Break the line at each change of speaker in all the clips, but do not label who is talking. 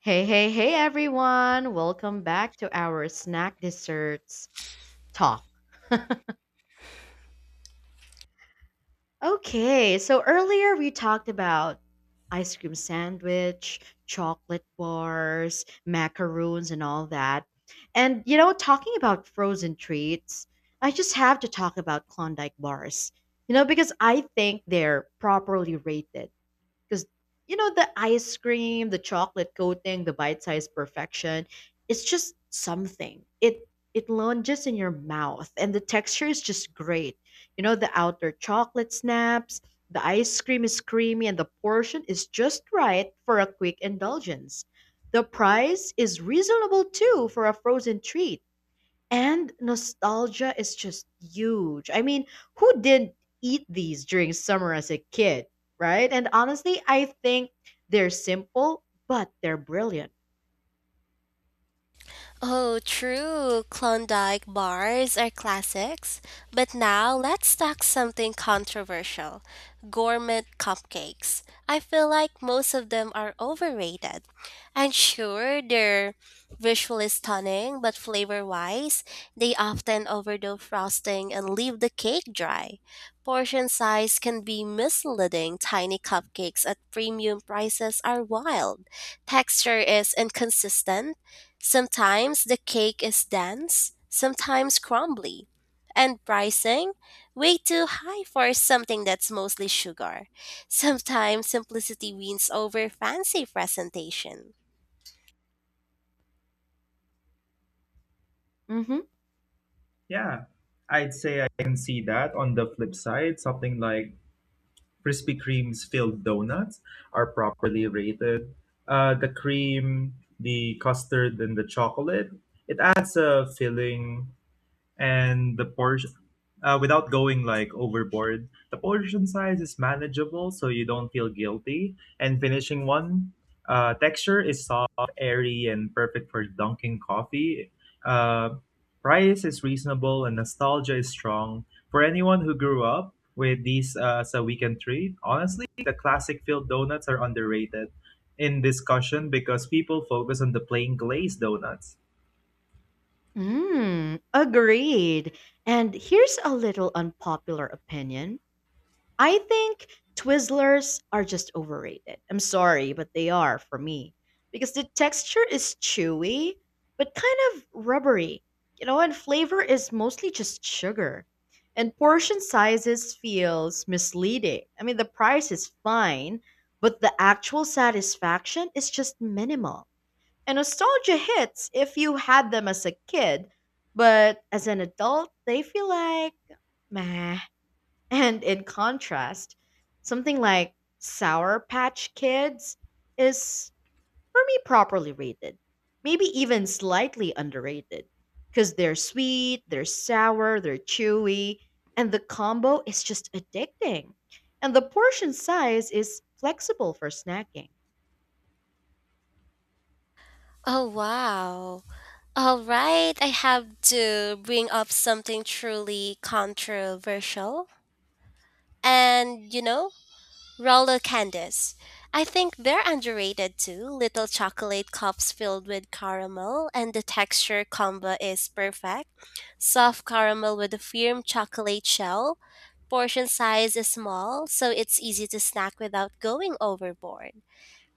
Hey, hey, hey, everyone! Welcome back to our snack desserts talk. Okay, so earlier we talked about ice cream sandwich, chocolate bars, macaroons, and all that. And talking about frozen treats, I just have to talk about Klondike bars. Because I think they're properly rated, because the ice cream, the chocolate coating, the bite-sized perfection, it's just something. It lunges in your mouth, and the texture is just great. The outer chocolate snaps, the ice cream is creamy, and the portion is just right for a quick indulgence. The price is reasonable too for a frozen treat, and nostalgia is just huge. I mean, who didn't eat these during summer as a kid, right? And honestly, I think they're simple, but they're brilliant.
Oh, true. Klondike bars are classics. But now let's talk something controversial, gourmet cupcakes. I feel like most of them are overrated. And sure, they're visually stunning, but flavor wise, they often overdo frosting and leave the cake dry. Portion size can be misleading. Tiny cupcakes at premium prices are wild. Texture is inconsistent. Sometimes the cake is dense, sometimes crumbly. And pricing? Way too high for something that's mostly sugar. Sometimes simplicity wins over fancy presentation.
Mm-hmm.
Yeah, I'd say I can see that. On the flip side, something like Krispy Kreme's filled donuts are properly rated. The cream, the custard, and the chocolate, it adds a filling and the portion without going like overboard the portion size is manageable so you don't feel guilty and finishing one texture is soft, airy and perfect for dunking coffee. uh, Price is reasonable and nostalgia is strong for anyone who grew up with these as a weekend treat. Honestly, the classic filled donuts are underrated in discussion because people focus on the plain glazed donuts.
Mm, agreed. And here's a little unpopular opinion. I think Twizzlers are just overrated. I'm sorry, but they are, for me, because the texture is chewy but kind of rubbery, and flavor is mostly just sugar. And portion sizes feels misleading. I mean, the price is fine, but the actual satisfaction is just minimal. And nostalgia hits if you had them as a kid, but as an adult, they feel like meh. And in contrast, something like Sour Patch Kids is, for me, properly rated. Maybe even slightly underrated. Because they're sweet, they're sour, they're chewy, and the combo is just addicting. And the portion size is flexible for snacking.
Oh, wow. All right, I have to bring up something truly controversial. And you know, Roller candies. I think they're underrated too. Little chocolate cups filled with caramel, and the texture combo is perfect. Soft caramel with a firm chocolate shell. Portion size is small, so it's easy to snack without going overboard.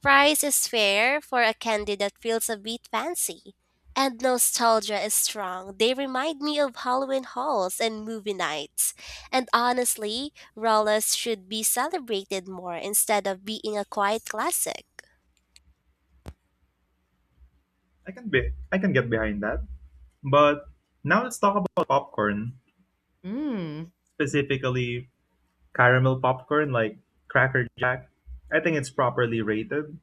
Price is fair for a candy that feels a bit fancy. And nostalgia is strong. They remind me of Halloween hauls and movie nights. And honestly, Rollas should be celebrated more instead of being a quiet classic.
I can get behind that. But now let's talk about popcorn,
Mmm,
specifically caramel popcorn like Cracker Jack. I think it's properly rated,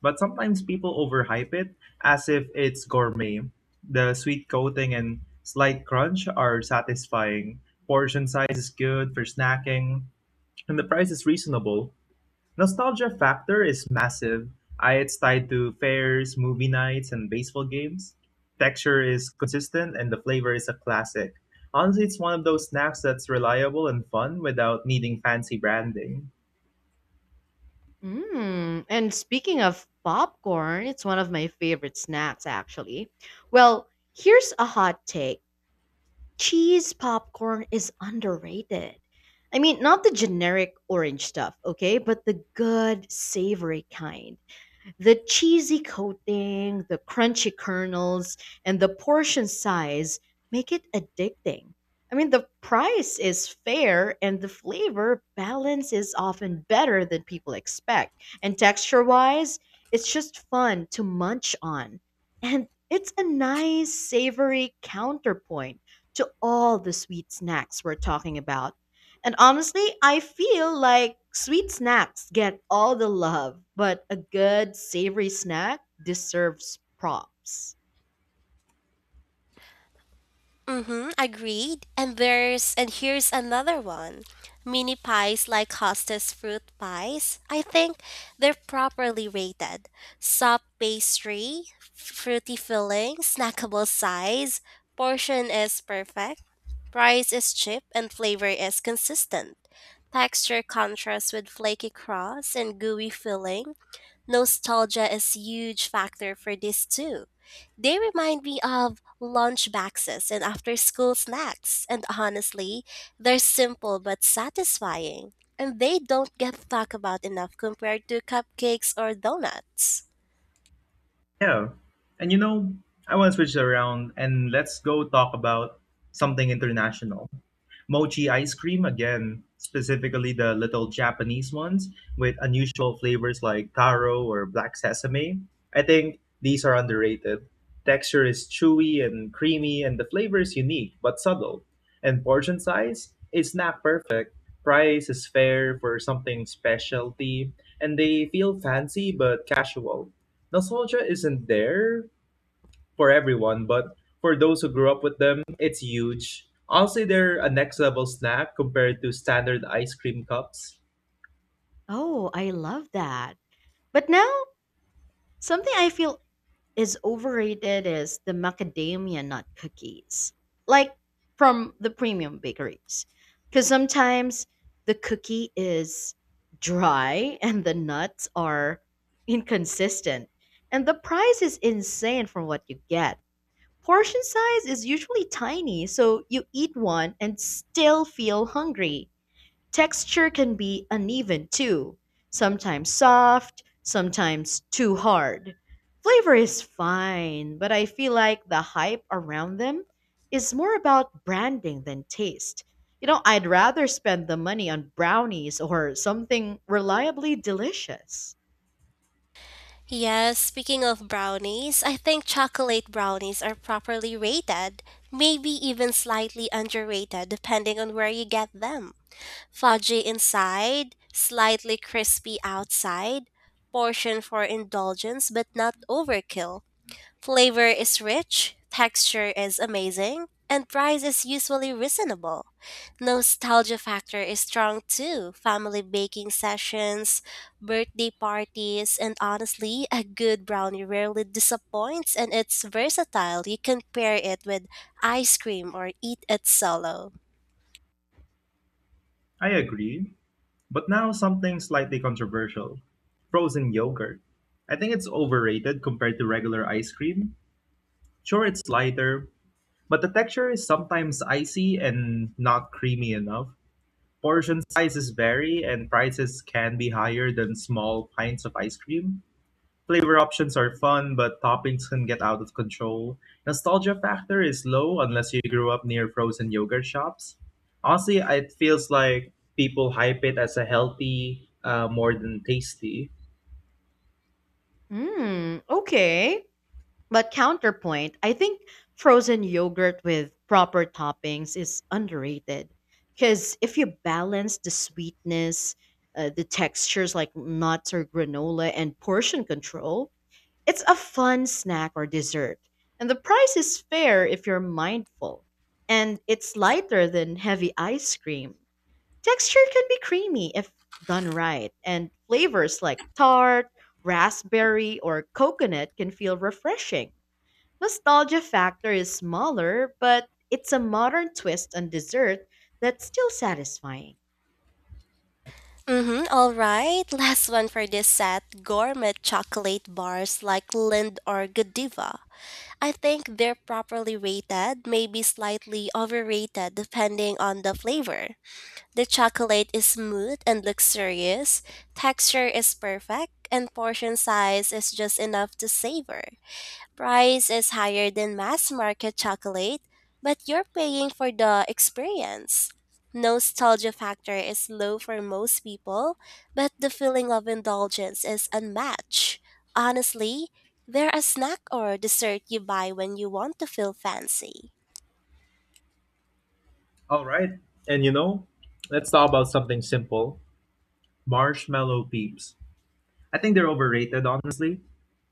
but sometimes people overhype it as if it's gourmet. The sweet coating and slight crunch are satisfying. Portion size is good for snacking, and the price is reasonable. Nostalgia factor is massive. It's tied to fairs, movie nights, and baseball games. Texture is consistent and the flavor is a classic. Honestly, it's one of those snacks that's reliable and fun without needing fancy branding.
mmm. And speaking of popcorn, it's one of my favorite snacks, actually. Well, here's a hot take. Cheese popcorn is underrated. I mean, not the generic orange stuff, okay, but the good savory kind. The cheesy coating, the crunchy kernels, and the portion size make it addicting. I mean, the price is fair and the flavor balance is often better than people expect. And texture wise, it's just fun to munch on. And it's a nice, savory counterpoint to all the sweet snacks we're talking about. And honestly, I feel like sweet snacks get all the love, but a good savory snack deserves props.
Mm-hmm, agreed. And here's another one. Mini pies like hostess fruit pies. I think they're properly rated. Soft pastry, fruity filling, snackable size, portion is perfect, price is cheap, and flavor is consistent. Texture contrasts with flaky crust and gooey filling. Nostalgia is huge factor for this too. They remind me of lunch boxes and after school snacks, and honestly, they're simple but satisfying. And they don't get talked about enough compared to cupcakes or donuts.
Yeah. And you know, I want to switch around and let's go talk about something international. Mochi ice cream, again, specifically the little Japanese ones with unusual flavors like taro or black sesame. I think these are underrated. Texture is chewy and creamy, and the flavor is unique but subtle. And portion size is not perfect. Price is fair for something specialty, and they feel fancy but casual. Nostalgia isn't there for everyone, but for those who grew up with them, it's huge. I'll say they're a next level snack compared to standard ice cream cups.
Oh, I love that. But now, something I feel is overrated is the macadamia nut cookies, like from the premium bakeries. Because sometimes the cookie is dry and the nuts are inconsistent, and the price is insane for what you get. Portion size is usually tiny, so you eat one and still feel hungry. Texture can be uneven too, sometimes soft, sometimes too hard. Flavor is fine, but I feel like the hype around them is more about branding than taste. I'd rather spend the money on brownies or something reliably delicious.
Yes, speaking of brownies, I think chocolate brownies are properly rated, maybe even slightly underrated depending on where you get them. Fudgy inside, slightly crispy outside, portion for indulgence but not overkill. Flavor is rich, texture is amazing, and price is usually reasonable. Nostalgia factor is strong too. Family baking sessions, birthday parties, and honestly, a good brownie rarely disappoints and it's versatile. You can pair it with ice cream or eat it solo.
I agree, but now something slightly controversial: frozen yogurt. I think it's overrated compared to regular ice cream. Sure, it's lighter, but the texture is sometimes icy and not creamy enough. Portion sizes vary, and prices can be higher than small pints of ice cream. Flavor options are fun, but toppings can get out of control. Nostalgia factor is low unless you grew up near frozen yogurt shops. Honestly, it feels like people hype it as a healthy more than tasty.
Mmm, okay. But counterpoint, I think frozen yogurt with proper toppings is underrated. Because if you balance the sweetness, the textures like nuts or granola, and portion control, it's a fun snack or dessert. And the price is fair if you're mindful. And it's lighter than heavy ice cream. Texture can be creamy if done right. And flavors like tart, raspberry, or coconut can feel refreshing. Nostalgia factor is smaller, but it's a modern twist on dessert that's still satisfying.
Mm-hmm. All right. Last one for this set, gourmet chocolate bars like Lind or Godiva. I think they're properly rated, maybe slightly overrated depending on the flavor. The chocolate is smooth and luxurious, texture is perfect, and portion size is just enough to savor. Price is higher than mass market chocolate, but you're paying for the experience. Nostalgia factor is low for most people, but the feeling of indulgence is unmatched. Honestly, they're a snack or dessert you buy when you want to feel fancy.
All right, and you know, let's talk about something simple: marshmallow peeps. I think they're overrated, honestly.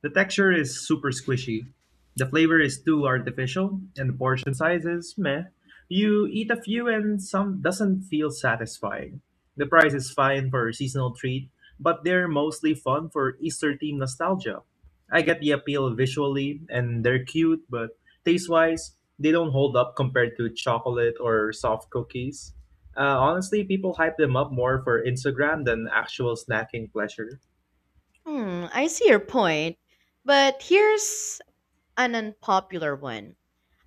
The texture is super squishy. The flavor is too artificial, and the portion size is meh. You eat a few and some doesn't feel satisfying. The price is fine for a seasonal treat, but they're mostly fun for Easter themed nostalgia. I get the appeal visually, and they're cute, but taste wise, they don't hold up compared to chocolate or soft cookies. Honestly, people hype them up more for Instagram than actual snacking pleasure.
Hmm, I see your point, but here's an unpopular one.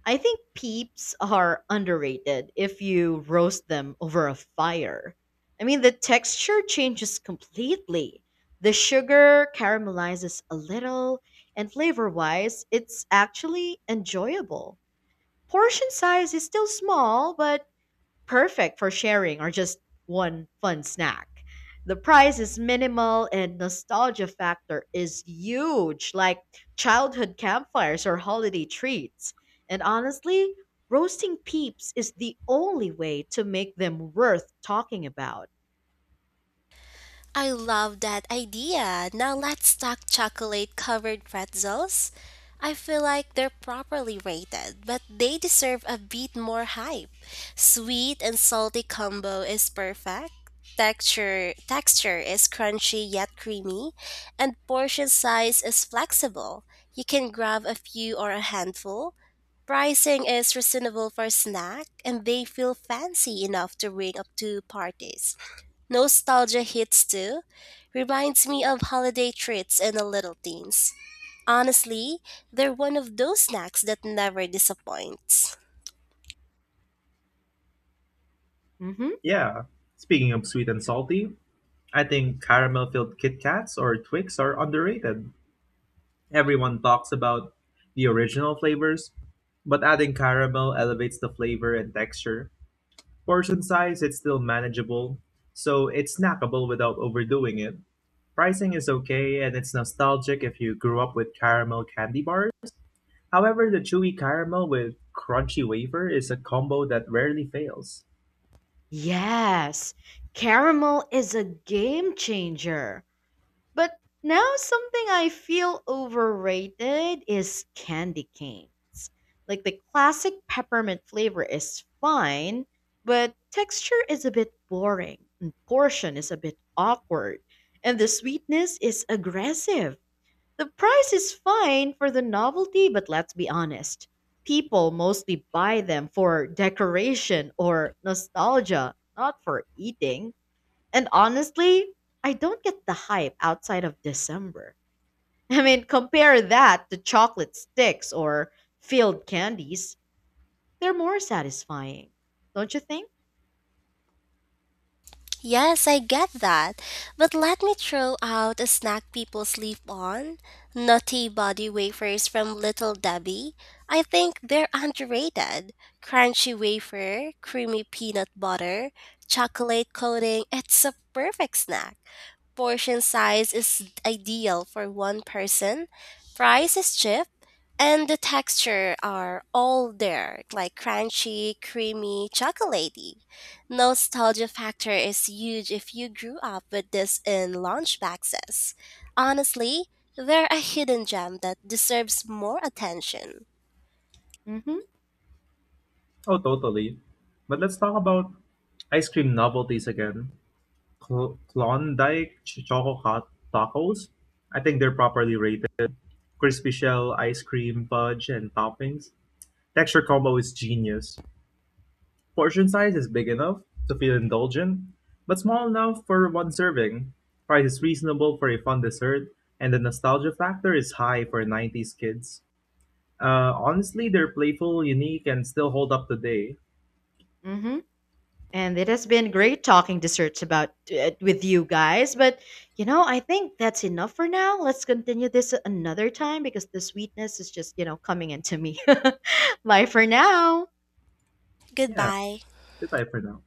I think peeps are underrated if you roast them over a fire. I mean, the texture changes completely. The sugar caramelizes a little, and flavor wise, it's actually enjoyable. Portion size is still small, but perfect for sharing or just one fun snack. The price is minimal and nostalgia factor is huge, like childhood campfires or holiday treats. And honestly, roasting peeps is the only way to make them worth talking about.
I love that idea. Now let's talk chocolate covered pretzels. I feel like they're properly rated, but they deserve a bit more hype. Sweet and salty combo is perfect. Texture is crunchy yet creamy, and portion size is flexible. You can grab a few or a handful. Pricing is reasonable for a snack, and they feel fancy enough to bring up to parties. Nostalgia hits too. Reminds me of holiday treats and the little things. Honestly, they're one of those snacks that never disappoints.
Hmm.
Yeah. Speaking of sweet and salty, I think caramel filled Kit Kats or Twix are underrated. Everyone talks about the original flavors, but adding caramel elevates the flavor and texture. Portion size, it's still manageable, so it's snackable without overdoing it. Pricing is okay, and it's nostalgic if you grew up with caramel candy bars. However, the chewy caramel with crunchy wafer is a combo that rarely fails.
Yes, caramel is a game changer. But now something I feel overrated is candy canes. Like the classic peppermint flavor is fine, but texture is a bit boring, and portion is a bit awkward, and the sweetness is aggressive. The price is fine for the novelty, but let's be honest. People mostly buy them for decoration or nostalgia, not for eating. And honestly, I don't get the hype outside of December. I mean, compare that to chocolate sticks or field candies. They're more satisfying, don't you think?
Yes, I get that. But let me throw out a snack people sleep on. Nutty body wafers from Little Debbie. I think they're underrated. Crunchy wafer, creamy peanut butter, chocolate coating. It's a perfect snack. Portion size is ideal for one person. Price is cheap and the texture are all there, like crunchy, creamy, chocolatey. Nostalgia factor is huge if you grew up with this in lunch boxes. Honestly, they're a hidden gem that deserves more attention.
Mm-hmm.
Oh, totally. But let's talk about ice cream novelties again. Klondike Choco Hot Tacos. I think they're properly rated. Crispy shell, ice cream, fudge, and toppings. Texture combo is genius. Portion size is big enough to feel indulgent, but small enough for one serving. Price is reasonable for a fun dessert, and the nostalgia factor is high for 90s kids. Honestly, they're playful, unique, and still hold up today.
Mm-hmm. And it has been great talking desserts about with you guys, but you know, I think that's enough for now. Let's continue this another time because the sweetness is just, you know, coming into me. Bye for now.
Yeah,
Goodbye.
goodbye for now.